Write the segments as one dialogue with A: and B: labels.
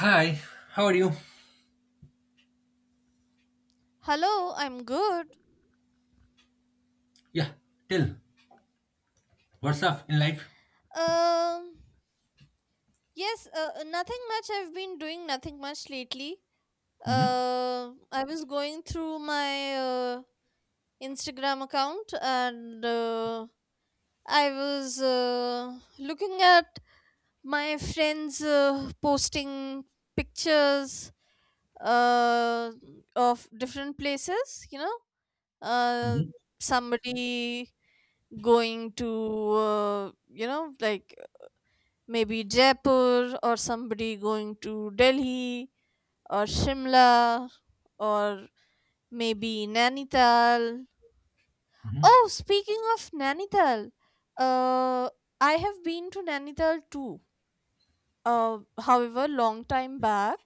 A: Hi, how are you?
B: Hello, I'm good.
A: Yeah, tell, what's up in life?
B: Um, yes, nothing much. I've been doing nothing much lately. I was going through my Instagram account and I was looking at my friends posting pictures uh, of different places, you know. Uh,
A: Mhm,
B: Somebody going to, like maybe Jaipur or somebody going to Delhi or Shimla or maybe Nainital.
A: mhm.
B: Oh, speaking of Nainital, uh, I have been to Nainital too. However, long time back,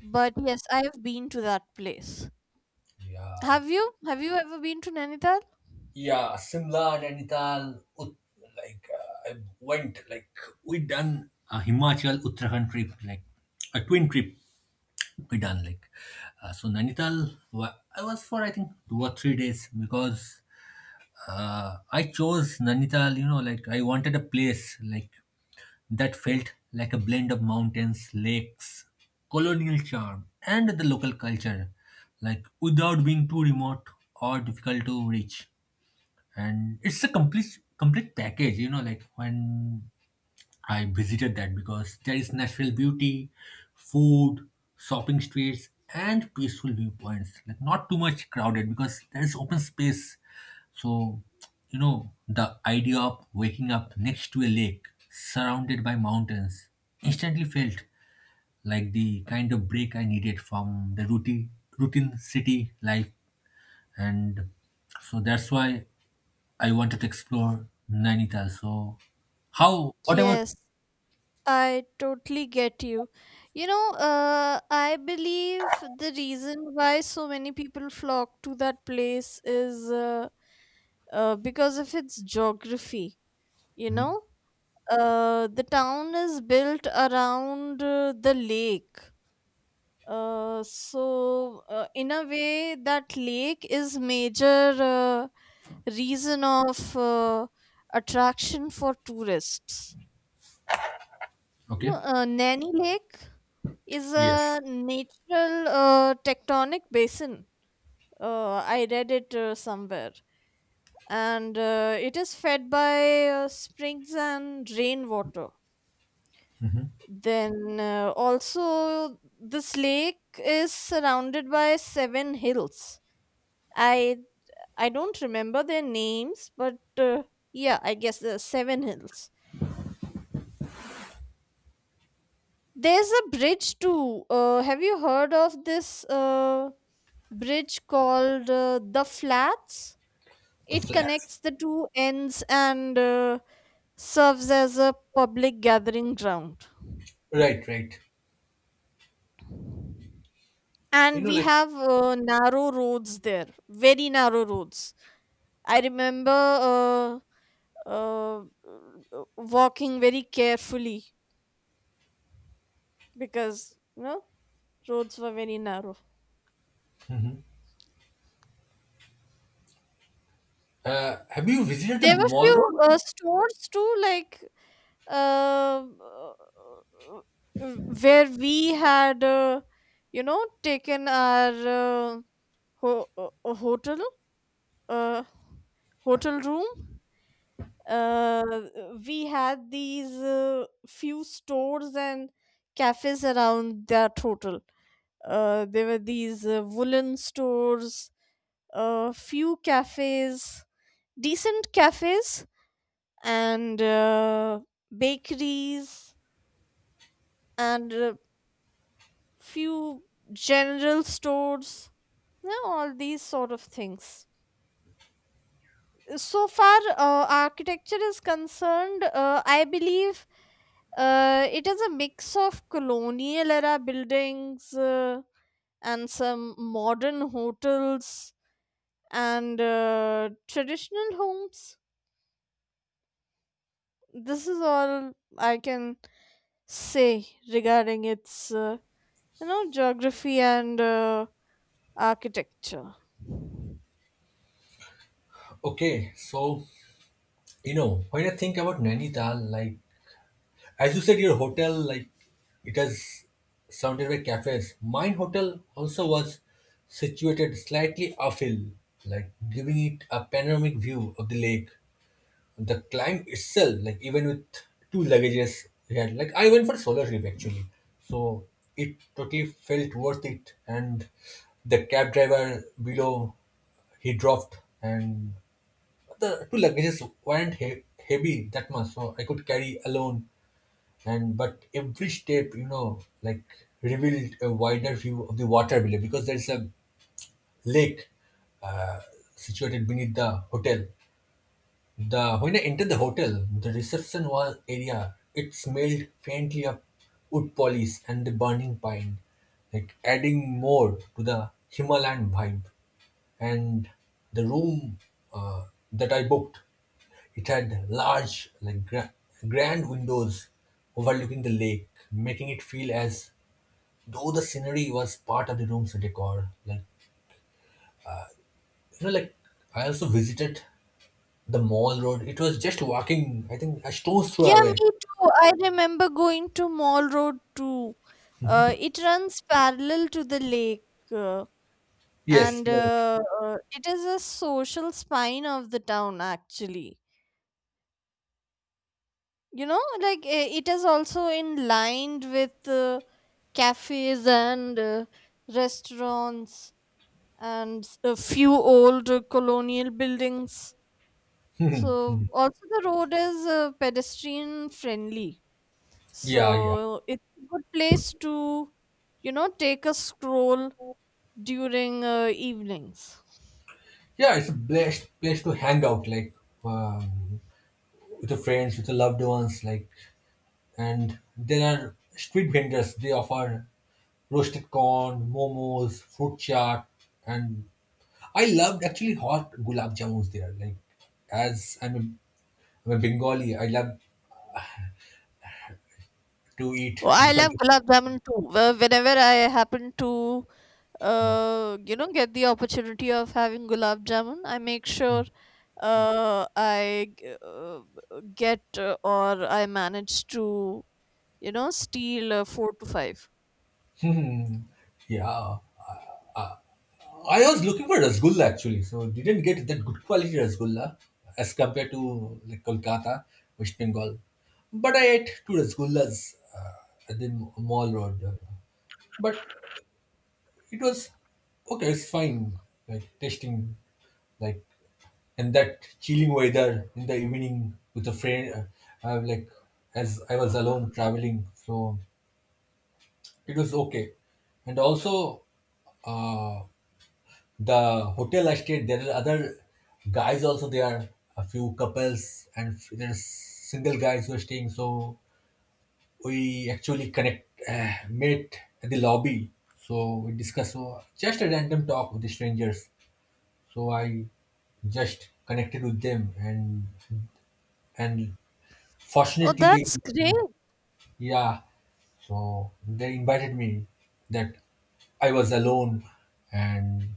B: but yes, I have been to that place.
A: Yeah,
B: Have you? Have you ever been to Nainital?
A: yeah, Simla, Nainital, like I went, like we done A Himachal Uttarakhand trip, like a twin trip we done. Nainital. I was for I think 2 or 3 days because I chose Nainital. You know, like I wanted a place like that felt like a blend of mountains, lakes, colonial charm, and the local culture, like without being too remote or difficult to reach. And it's a complete package, you know, like when I visited that because there is natural beauty, food, shopping streets, and peaceful viewpoints. Like not too much crowded because there is open space. So, you know, the idea of waking up next to a lake surrounded by mountains instantly felt like the kind of break I needed from the routine city life. And so that's why I wanted to explore Nainital. So how what about
B: Yes, I totally get you. You know, I believe the reason why so many people flock to that place is because of its geography. You know, the town is built around the lake. So, in a way, that lake is major reason of attraction for tourists. Well,
A: okay.
B: Nanny Lake is a
A: Yes,
B: natural tectonic basin. I read it somewhere. And it is fed by springs and rainwater. Then also, this lake is surrounded by seven hills. I I don't remember their names, but yeah, I guess the seven hills. There's a bridge too. Have you heard of this bridge called the Flats?
A: the
B: It
A: flats.
B: connects the two ends and serves as a public gathering ground.
A: Right, right. You
B: And
A: know,
B: we
A: like,
B: have narrow roads there, very narrow roads. I remember uh, uh, walking very carefully because you know roads were very narrow.
A: mhm. Have you visited the
B: There were
A: mall
B: few
A: road?
B: stores too, like um, uh, where we had, taken our ho- uh, uh, hotel uh, hotel room. Uh, we had these few stores and cafes around that hotel. There were these woolen stores, a few cafes, decent cafes and bakeries and few general stores, you know, all these sort of things. So far architecture is concerned, I believe it is a mix of colonial era buildings and some modern hotels and traditional homes. This is all I can say regarding its you know geography and architecture.
A: Okay, so you know when I think about Nainital, like as you said, your hotel, like it has surrounded by cafes. Mine hotel also was situated slightly uphill, like giving it a panoramic view of the lake. The climb itself, like even with two luggages, we had like I went for solo trip actually, so it totally felt worth it. And the cab driver below, he dropped, and the two luggages weren't heavy that much, so I could carry alone. And but every step, you know, like revealed a wider view of the water below because there's a lake uh, situated beneath the hotel. The when I entered the hotel, the reception was area, it smelled faintly of wood polish and the burning pine, like adding more to the Himalayan vibe. And the room uh, that I booked, it had large, like grand windows overlooking the lake, making it feel as though the scenery was part of the room's decor. Like you know, like I also visited the mall road. It was just walking, I think, a stone's throw
B: Yeah,
A: away.
B: me too. I remember going to Mall Road too. It runs parallel to the lake, uh,
A: Yes,
B: and
A: you're right.
B: uh, uh, it is a social spine of the town actually. You know, like it is also in lined with cafes and restaurants and a few old colonial buildings. So also the road is pedestrian friendly.
A: Yeah, yeah,
B: So it's a good place to, you know, take a stroll during evenings.
A: yeah. It's a blessed place to hang out, like um, with your friends, with your loved ones, like. And there are street vendors. They offer roasted corn, momos, fruit chaat, and I loved actually hot gulab jamuns there. Like, as I'm I'm a Bengali, I love to eat
B: Oh, I love
A: different.
B: gulab jamun too. Whenever I happen to, get the opportunity of having gulab jamun, I make sure uh, I g- uh, get or I manage to, you know, steal four to five.
A: Yeah, I was looking for rasgulla actually, so didn't get that good quality rasgulla as compared to like Kolkata, West Bengal. But I ate two rasgullas at the mall road, but it was okay. It's fine, like tasting like and that chilling weather in the evening with a friend, like as I was alone traveling, so it was okay. And also, uh, the hotel I stayed, there are other guys also there, a few couples and there's single guys who are staying. So we actually connect, met at the lobby. So we discuss so just a random talk with the strangers. So I just connected with them and
B: Oh,
A: fortunately they
B: that's great.
A: yeah, so they invited me that I was alone and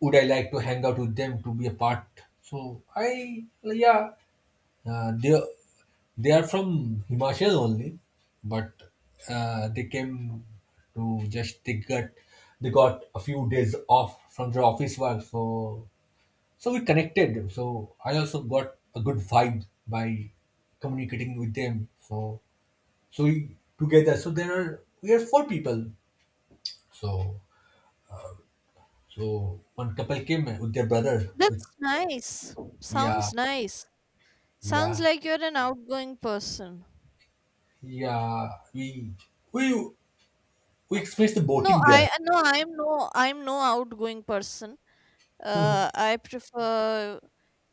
A: would I like to hang out with them to be a part? So I, yeah, uh, they, they are from Himachal only, but they came to just they got a few days off from their office work, so so we connected. So I also got a good vibe by communicating with them. So together so there are we are four people so so one couple came with their brother
B: That's
A: With,
B: nice.
A: yeah
B: Sounds nice. Sounds
A: yeah
B: like you're an outgoing person.
A: yeah we we we experienced the
B: No,
A: boating
B: I
A: there.
B: no, I'm no, I'm no outgoing person.
A: hmm
B: I prefer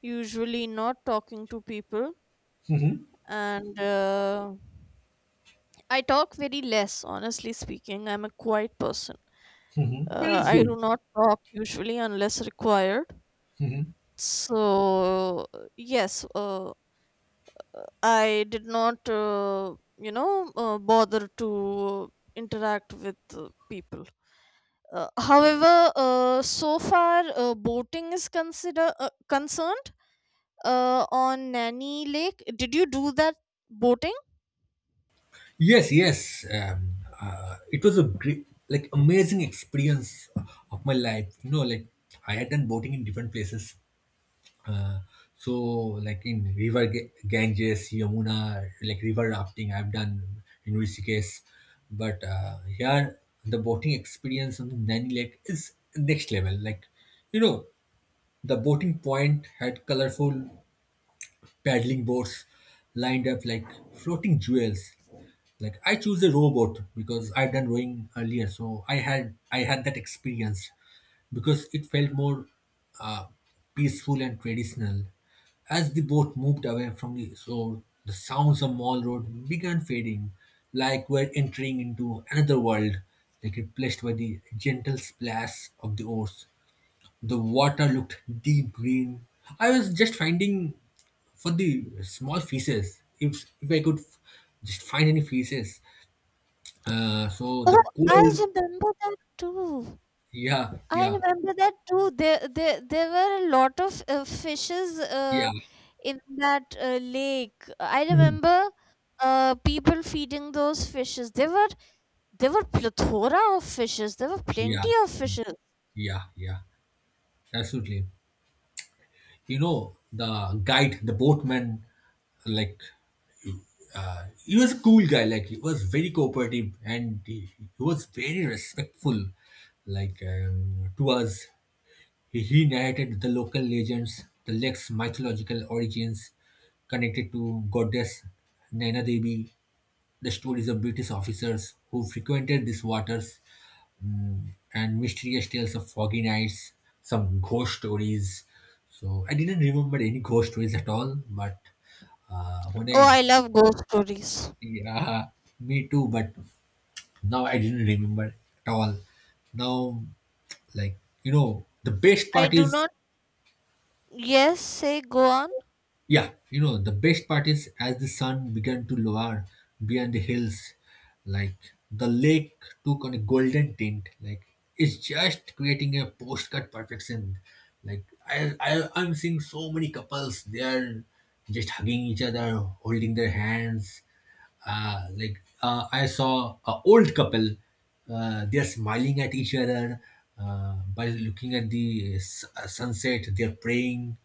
B: usually not talking to people, and I talk very less. Honestly speaking, I'm a quiet person.
A: hmm, but it's
B: I do
A: good
B: not talk usually unless required.
A: hmm
B: So yes, I did not, bother to interact with people. However, so far boating is consider concerned on Nanny Lake. Did you do that boating?
A: yes, yes, it was a great like amazing experience of my life, you know, like I had done boating in different places. Uh, so like in river ganges yamuna, like river rafting I've done in rishikesh, but here the boating experience on the nani lake is next level, like you know, the boating point had colorful paddling boards lined up like floating jewels. Like I choose a rowboat because I've done rowing earlier, so I had that experience because it felt more uh, peaceful and traditional. As the boat moved away from the shore, the sounds of Mall Road began fading, like we're entering into another world, like replaced by the gentle splash of the oars. The water looked deep green. I was just finding for the small fishes, if I could just find any fishes. So
B: Oh,
A: the
B: I
A: cold,
B: remember that too.
A: yeah,
B: I
A: yeah,
B: remember that too. There were a lot of fishes.
A: yeah,
B: In that lake. I
A: mhm.
B: remember people feeding those fishes. There were plethora of fishes. There were
A: Yeah,
B: plenty of fishes.
A: yeah, yeah, absolutely. You know, the guide, the boatman, like, he was a cool guy, like, he was very cooperative and he was very respectful, like, to us. He narrated the local legends, the lake's mythological origins connected to goddess Naina Devi, the stories of British officers who frequented these waters, mm, and mysterious tales of foggy nights, some ghost stories. So I didn't remember any ghost stories at all, but uh, when
B: Oh,
A: I
B: I love ghost stories.
A: yeah, me too. But now I didn't remember at all. Now, like you know, the best
B: I
A: part
B: do
A: is,
B: not. Yes, say go on.
A: yeah, you know, the best part is as the sun began to lower beyond the hills, like the lake took on a golden tint. Like it's just creating a postcard perfection. Like I'm seeing so many couples. They are just hugging each other, holding their hands. I saw an old couple. They're smiling at each other by looking at the sunset. They're praying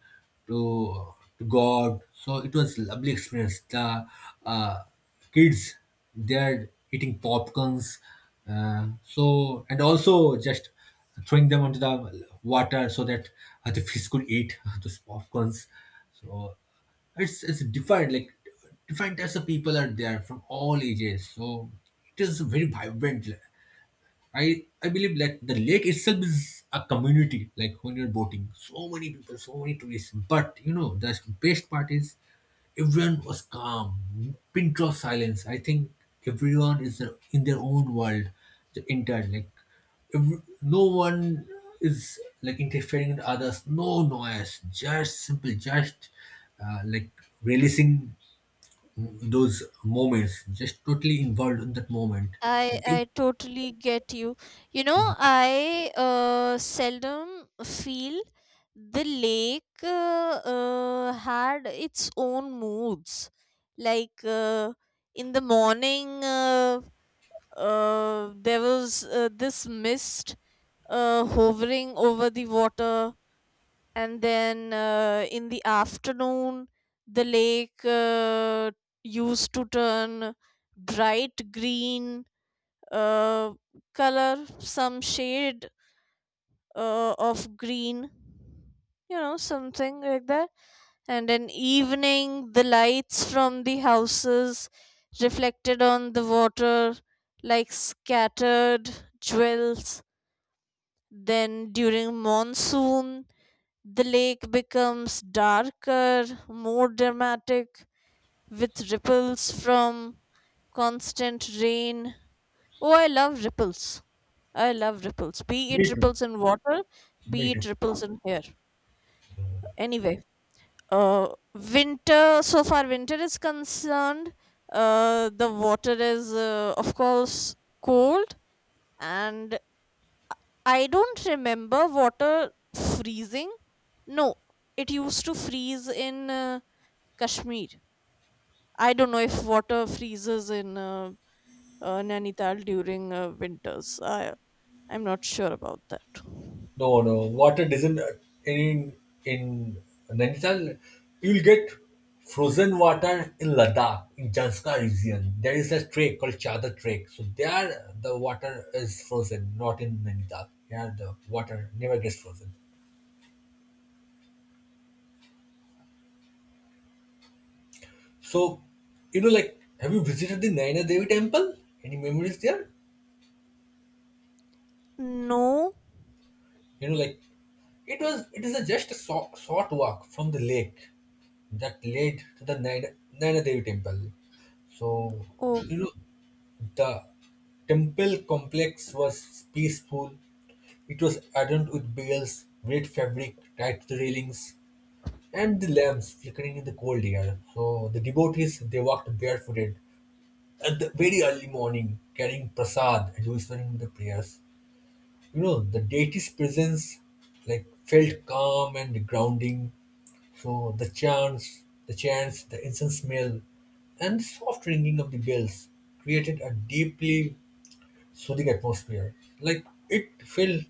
A: to God. So it was lovely experience. The uh, kids they're eating popcorns. So and also just throwing them onto the water so that the fish could eat those popcorns. So it's defined like different types of people are there from all ages, so it is very vibrant. I believe that the lake itself is a community. Like when you're boating, so many people, so many tourists. But you know, the best part is everyone was calm, pin drop silence. I think everyone is in their own world. The entire like every, no one is like interfering with others. No noise, just simple, just like releasing those moments, just totally involved in that moment.
B: I
A: And if,
B: I totally get you. You know, I seldom feel the lake had its own moods. Like in the morning, there was this mist hovering over the water, and then in the afternoon, the lake used to turn bright green uh, color, some shade of green, you know, something like that. And in evening, the lights from the houses reflected on the water like scattered jewels. Then during monsoon, the lake becomes darker, more dramatic, with ripples from constant rain. Oh, I love ripples. I love ripples, be it
A: me too.
B: ripples in water, be
A: Me
B: it
A: too.
B: ripples in hair. Anyway, uh, winter, so far winter is concerned, the water is, of course, cold, and I don't remember water freezing. No, it used to freeze in Kashmir. I don't know if water freezes in Nainital during winters. I'm not sure about that.
A: No, no, water doesn't in in Nainital. You'll get frozen water in Ladakh, in Janska region. There is a trek called Chadar Trek. So there, the water is frozen, not in Nainital. Here, the water never gets frozen. So, you know, like, have you visited the Naina Devi temple? Any memories there?
B: No.
A: You know like it was it is a just a short walk from the lake that led to the Naina Devi temple. So
B: Oh,
A: you know the temple complex was peaceful. It was adorned with bells, red fabric tied to the railings and the lamps flickering in the cold air. So the devotees they walked barefooted at the very early morning carrying prasad and whispering the prayers. You know, the deity's presence like felt calm and grounding. So the chants, the incense smell, and the soft ringing of the bells created a deeply soothing atmosphere. Like it felt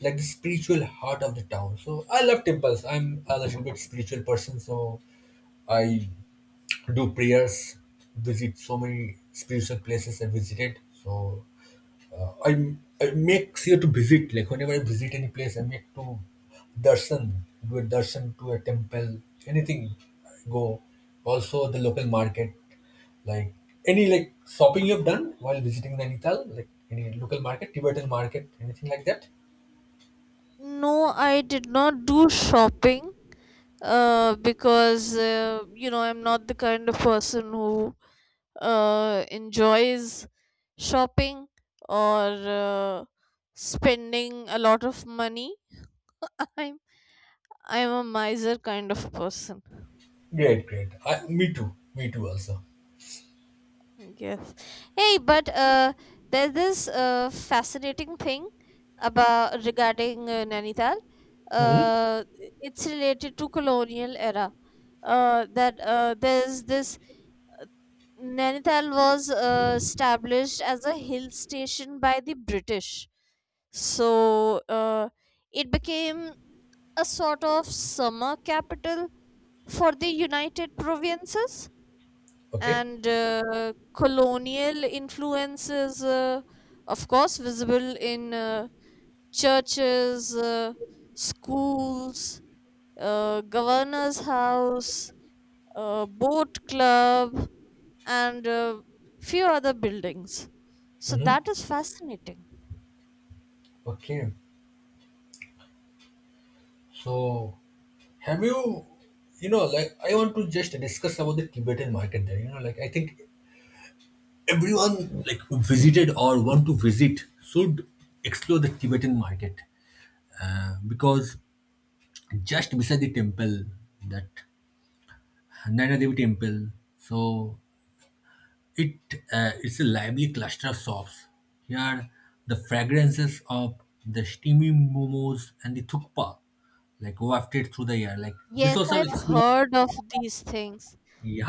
A: like the spiritual heart of the town. So I love temples. I'm a little bit spiritual person, so I do prayers, visit so many spiritual places I visited. So I I make sure to visit. Like whenever I visit any place, I make to darshan, do a darshan to a temple, anything. I go. Also the local market, like any like shopping you've done while visiting Nainital, like any local market, Tibetan market, anything like that.
B: no, I did not do shopping because you know I'm not the kind of person who enjoys shopping or uh, spending a lot of money. I'm I'm a miser kind of person.
A: Great, great. I, me too. Me too. Also.
B: Yes. Hey, but there's this fascinating thing about regarding Nainital.
A: Mm-hmm.
B: Uh, it's related to colonial era. That there's this Nainital was established as a hill station by the British. So it became a sort of summer capital for the United Provinces
A: Okay.
B: and colonial influences of course visible in churches, schools, governor's house, boat club and few other buildings. So
A: Mm-hmm.
B: that is fascinating.
A: Okay. So have you you know like I want to just discuss about the tibetan market there. You know like I think everyone like who visited or want to visit should explore the Tibetan market because just beside the temple, that Nana Devi temple, so it it's a lively cluster of shops. Here, the fragrances of the steamy momos and the thukpa like wafted through the air. Like this
B: Yes,
A: also
B: I've
A: experience.
B: heard of these things.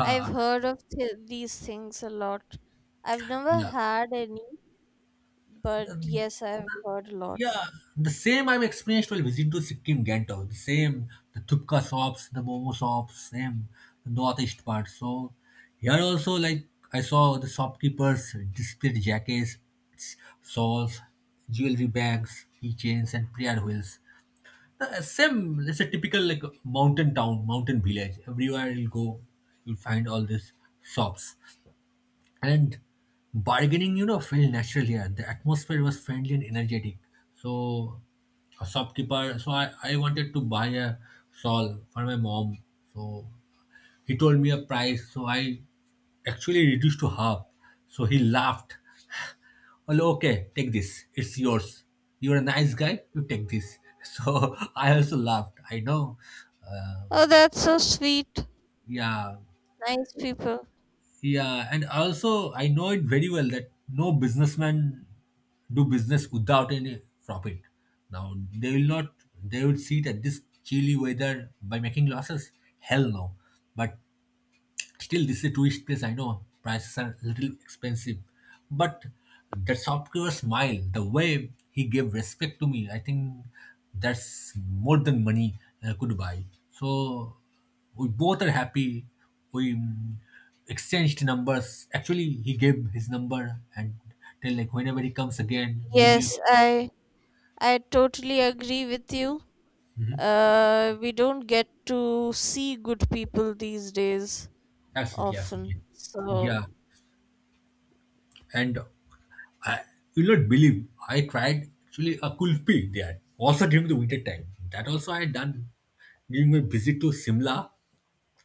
B: i've heard of th- these things a lot. I've never
A: yeah.
B: had any, but yes, I've heard a lot.
A: Yeah, the same I have experienced while visiting to Sikkim Gangtok. The same, the thupka shops, the momo shops, same, the northeast part. So here also, like I saw the shopkeepers displayed jackets, s- shawls, jewelry bags, keychains, and prayer wheels. The same, it's a typical like mountain town, mountain village. Everywhere you'll go, you'll find all these shops and bargaining felt natural here. The atmosphere was friendly and energetic. So a shopkeeper, so I wanted to buy a shawl for my mom. So he told me a price, so I actually reduced to half. So he laughed. Well, okay, take this, it's yours. You're a nice guy, you take this. So I also laughed, I know. uh,
B: Oh, that's so sweet.
A: yeah
B: Nice people.
A: Yeah, and also I know it very well that no businessman do business without any profit. Now they will not, they will see that this chilly weather by making losses. Hell no. But still, this is a tourist place, I know. Prices are a little expensive. But that shopkeeper's smile, the way he gave respect to me, I think that's more than money could buy. So we both are happy. We exchanged numbers. Actually, he gave his number and tell like whenever he comes again, give me.
B: Yes, I totally agree with you. We don't get to see good people these days
A: Absolutely, absolutely.
B: often. So
A: Yeah. And I will not believe, I tried actually a kulfi there, also during the winter time. That also I had done during my visit to Simla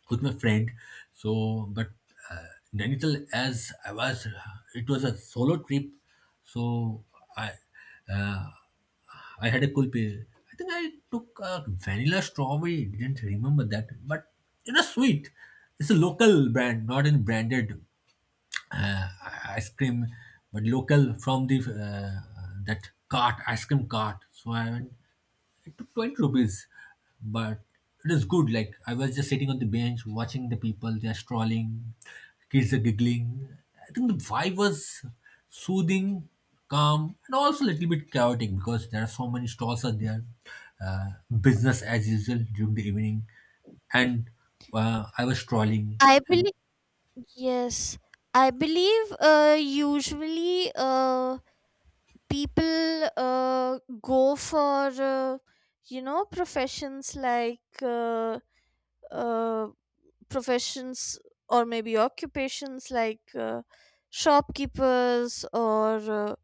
A: with my friend. So, but uh, Nainital, as I was, it was a solo trip. So I, uh, I had a kulfi. I think I took a vanilla strawberry. Didn't remember that, but it was sweet. It's a local brand, not any branded uh, ice cream, but local from the that cart ice cream cart. So I went. It took 20 rupees, but it is good. Like I was just sitting on the bench watching the people. They are strolling, kids are giggling. I think the vibe was soothing, calm, and also a little bit chaotic because there are so many stalls are there. Uh, Business as usual during the evening, and I was strolling.
B: I believe, yes, I believe usually people go for, professions like uh, professions or maybe occupations like shopkeepers or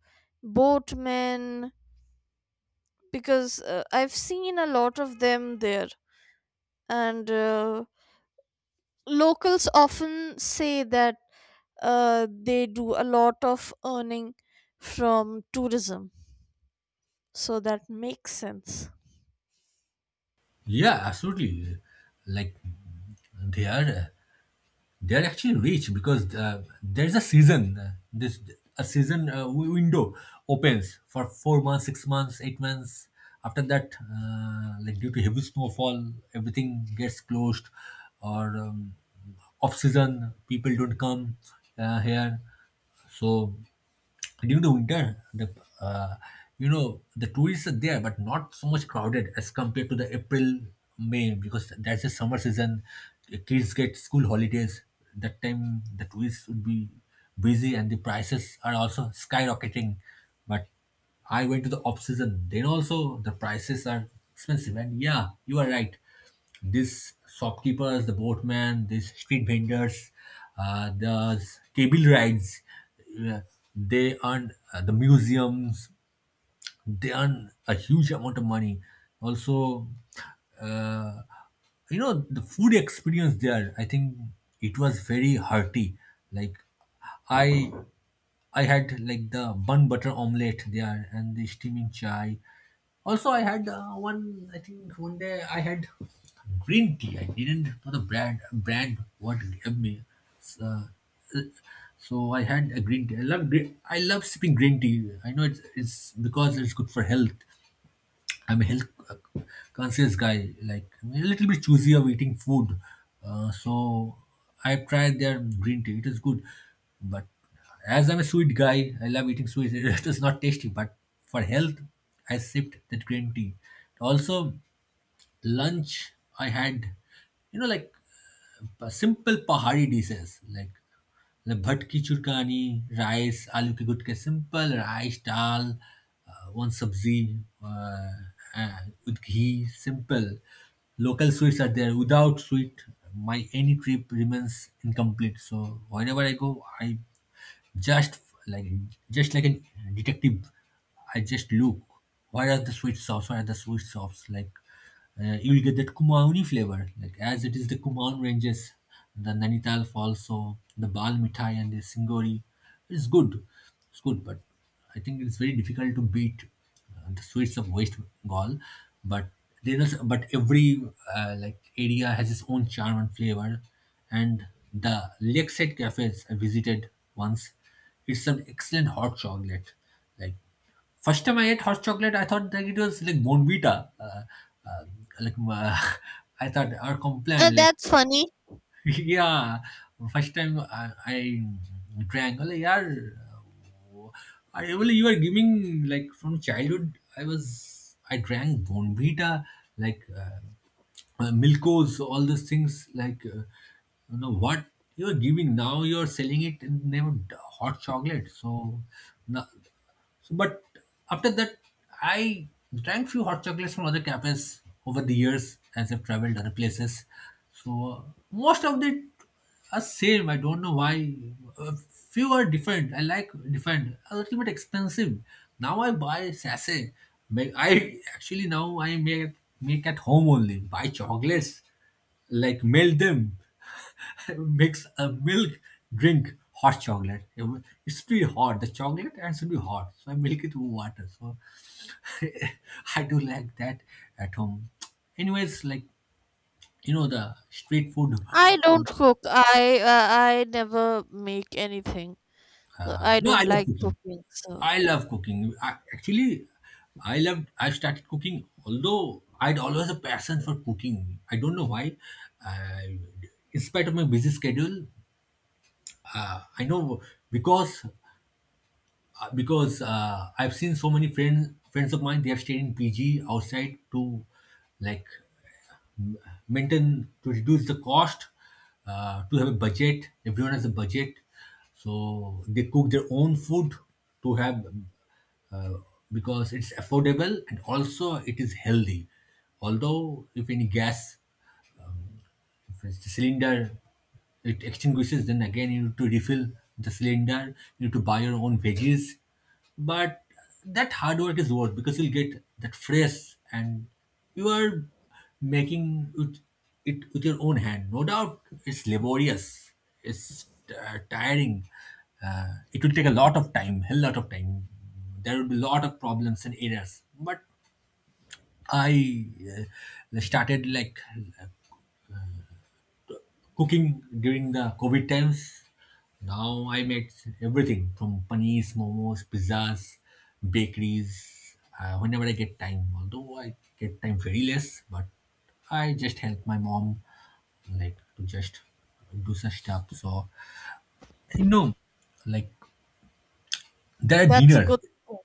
B: boatmen because I've seen a lot of them there. And locals often say that they do a lot of earning from tourism. So that makes sense.
A: Yeah, absolutely. Like they are they are actually rich because there's a season. This a season window opens for 4 months, 6 months, 8 months. After that, like due to heavy snowfall, everything gets closed, or off season people don't come here. So during the winter, the uh, you know, the tourists are there but not so much crowded as compared to the april may, because that's the summer season. The kids get school holidays, that time the tourists would be busy and the prices are also skyrocketing. But I went to the off season, then also the prices are expensive. And yeah, you are right, these shopkeepers, the boatman, these street vendors, the cable rides, uh, they earn the museums, they earn a huge amount of money. Also, uh, you know, the food experience there, I think it was very hearty. Like, I I had like the bun butter omelette there and the steaming chai. Also, I had one. I think one day I had green tea. I didn't know the brand what gave me. It's, so I had a green tea. I love green, I love sipping green tea. I know it's because it's good for health. I'm a health conscious guy. Like I'm a little bit choosy of eating food. So I tried their green tea. It is good, but as I'm a sweet guy, I love eating sweets. It is not tasty, but for health, I sipped that green tea. Also, lunch, I had, you know, like simple pahari dishes like bhat ki churkani, rice, aloo ke gutke, simple rice, dal, one sabzi uh, with ghee, simple. Local sweets are there. Without sweet, my any trip remains incomplete. So whenever I go, I just like just like a detective, I just look. Where are the sweet sauce? Where are the sweet sauce? Like you will get that Kumaoni flavor, like as it is the Kumaon ranges, the Nanital Falls, so the Bal Mithai and the Singori. It's good, it's good, but I think it's very difficult to beat the sweets of West Gaul, but there is but every like area has its own charm and flavor. And the lakeside cafes I visited once, it's some excellent hot chocolate. Like first time I ate hot chocolate, I thought that it was like Bonvita. Uh, like I thought our complaint like
B: That's funny.
A: yeah, first time I drank, well, yeah, I, well, you are giving like from childhood I drank bonvita, like milkos, all those things, like you know what you're giving now, you're selling it in the name of hot chocolate. So no, so, but after that, I drank few hot chocolates from other cafes over the years as I've traveled other places. So most of it are same. I don't know why. A few are different. I like different. A little bit expensive. Now I buy sachet. Make I actually now I make make at home only. Buy chocolates, like melt them, makes a milk drink hot chocolate. It should be hot. The chocolate and should be hot. So I milk it with water. So I do like that at home. Anyways, like you know, the street food.
B: I don't cook. I never make anything. I
A: No, I
B: don't
A: love
B: like
A: cooking.
B: cooking. So
A: I love cooking. I, actually, I loved. I started cooking. Although I'd always a passion for cooking. I don't know why. I, in spite of my busy schedule, I know because because I've seen so many friends of mine, they have stayed in PG outside to like m- maintain to reduce the cost, to have a budget, everyone has a budget. So they cook their own food to have uh, because it's affordable and also it is healthy. Although if any gas, first the cylinder it extinguishes, then again you need to refill the cylinder, you need to buy your own veggies. But that hard work is worth because you'll get that fresh and you are making it, it with your own hand. No doubt it's laborious, it's tiring. It will take a lot of time, hell lot of time. There will be a lot of problems and errors. But I started like cooking during the COVID times, now I made everything from panis, momos, pizzas, bakeries, whenever I get time. Although I get time very less, but I just help my mom like to just do such stuff. So you know, like their
B: that's a
A: dinner.
B: good thing.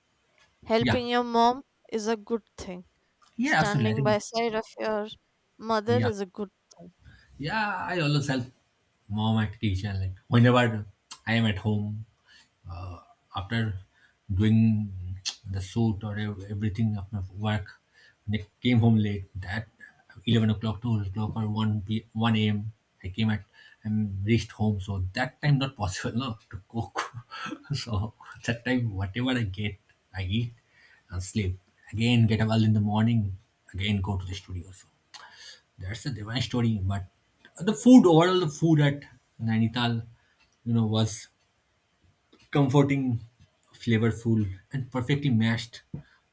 A: Yeah.
B: Helping your mom is a good thing.
A: Yeah, absolutely. I
B: Standing by
A: think
B: side of your mother
A: yeah.
B: is a good.
A: Yeah, I always help mom at kitchen, like whenever I am at home after doing the shoot or everything, after work, when I came home late at 11 o'clock, 2 o'clock or 1 p 1 a.m, I came at and reached home. So that time not possible no to cook. So that time whatever I get, I eat and sleep, again get up early in the morning, again go to the studio. So that's the divine story. But the food, overall the food at Nainital, you know, was comforting, flavorful, and perfectly matched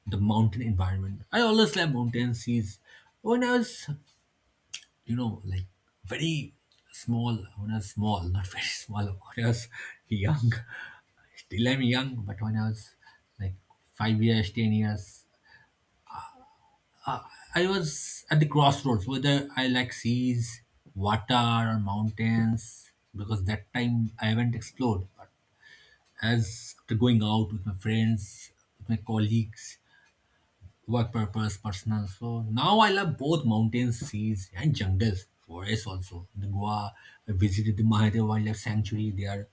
A: the mountain environment. I always like mountain seas. When I was, you know, like very small, when I was small, not very small, when I was young, still I'm young, but when I was like 5 years, 10 years, I was at the crossroads whether I like seas, water, or mountains, because that time I haven't explored. But as after going out with my friends, with my colleagues, work purpose, personal. So now I love both mountains, seas, and jungles, forests also. In Goa, I visited the Mahadev Wildlife Sanctuary there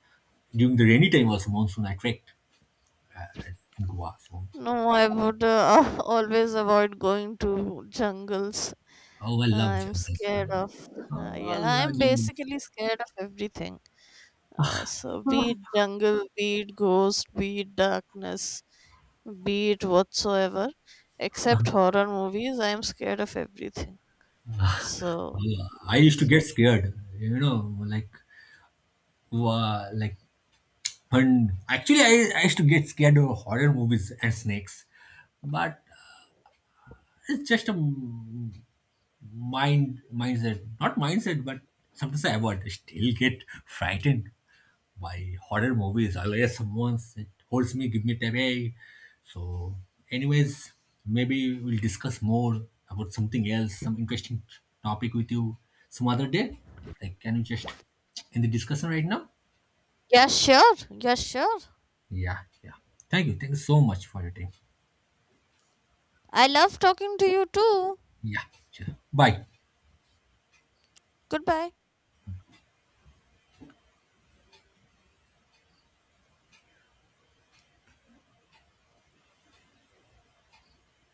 A: during the rainy time, also monsoon. I trekked in Goa. So,
B: No, I would always avoid going to jungles.
A: oh, I love
B: I'm
A: jungles.
B: scared of.
A: Oh, I
B: Yeah,
A: love
B: I'm
A: jungles.
B: basically scared of everything. So be it jungle, be it ghost, be it darkness, be it whatsoever, except horror movies, I am scared of everything. So
A: Oh, I used to
B: yes.
A: get scared, you know, like, wow, like, fun. Actually, I used to get scared of horror movies and snakes, but it's just a mind mindset not mindset but sometimes I still get frightened by horror movies unless someone holds me, give me tap, hey. So anyways, maybe we'll discuss more about something else, some interesting topic with you some other day. Like can you just in the discussion right now.
B: Yeah, sure. Yeah, sure.
A: Yeah, yeah. Thank you so much for your time.
B: I love talking to you too.
A: Yeah, sure. Bye.
B: Goodbye.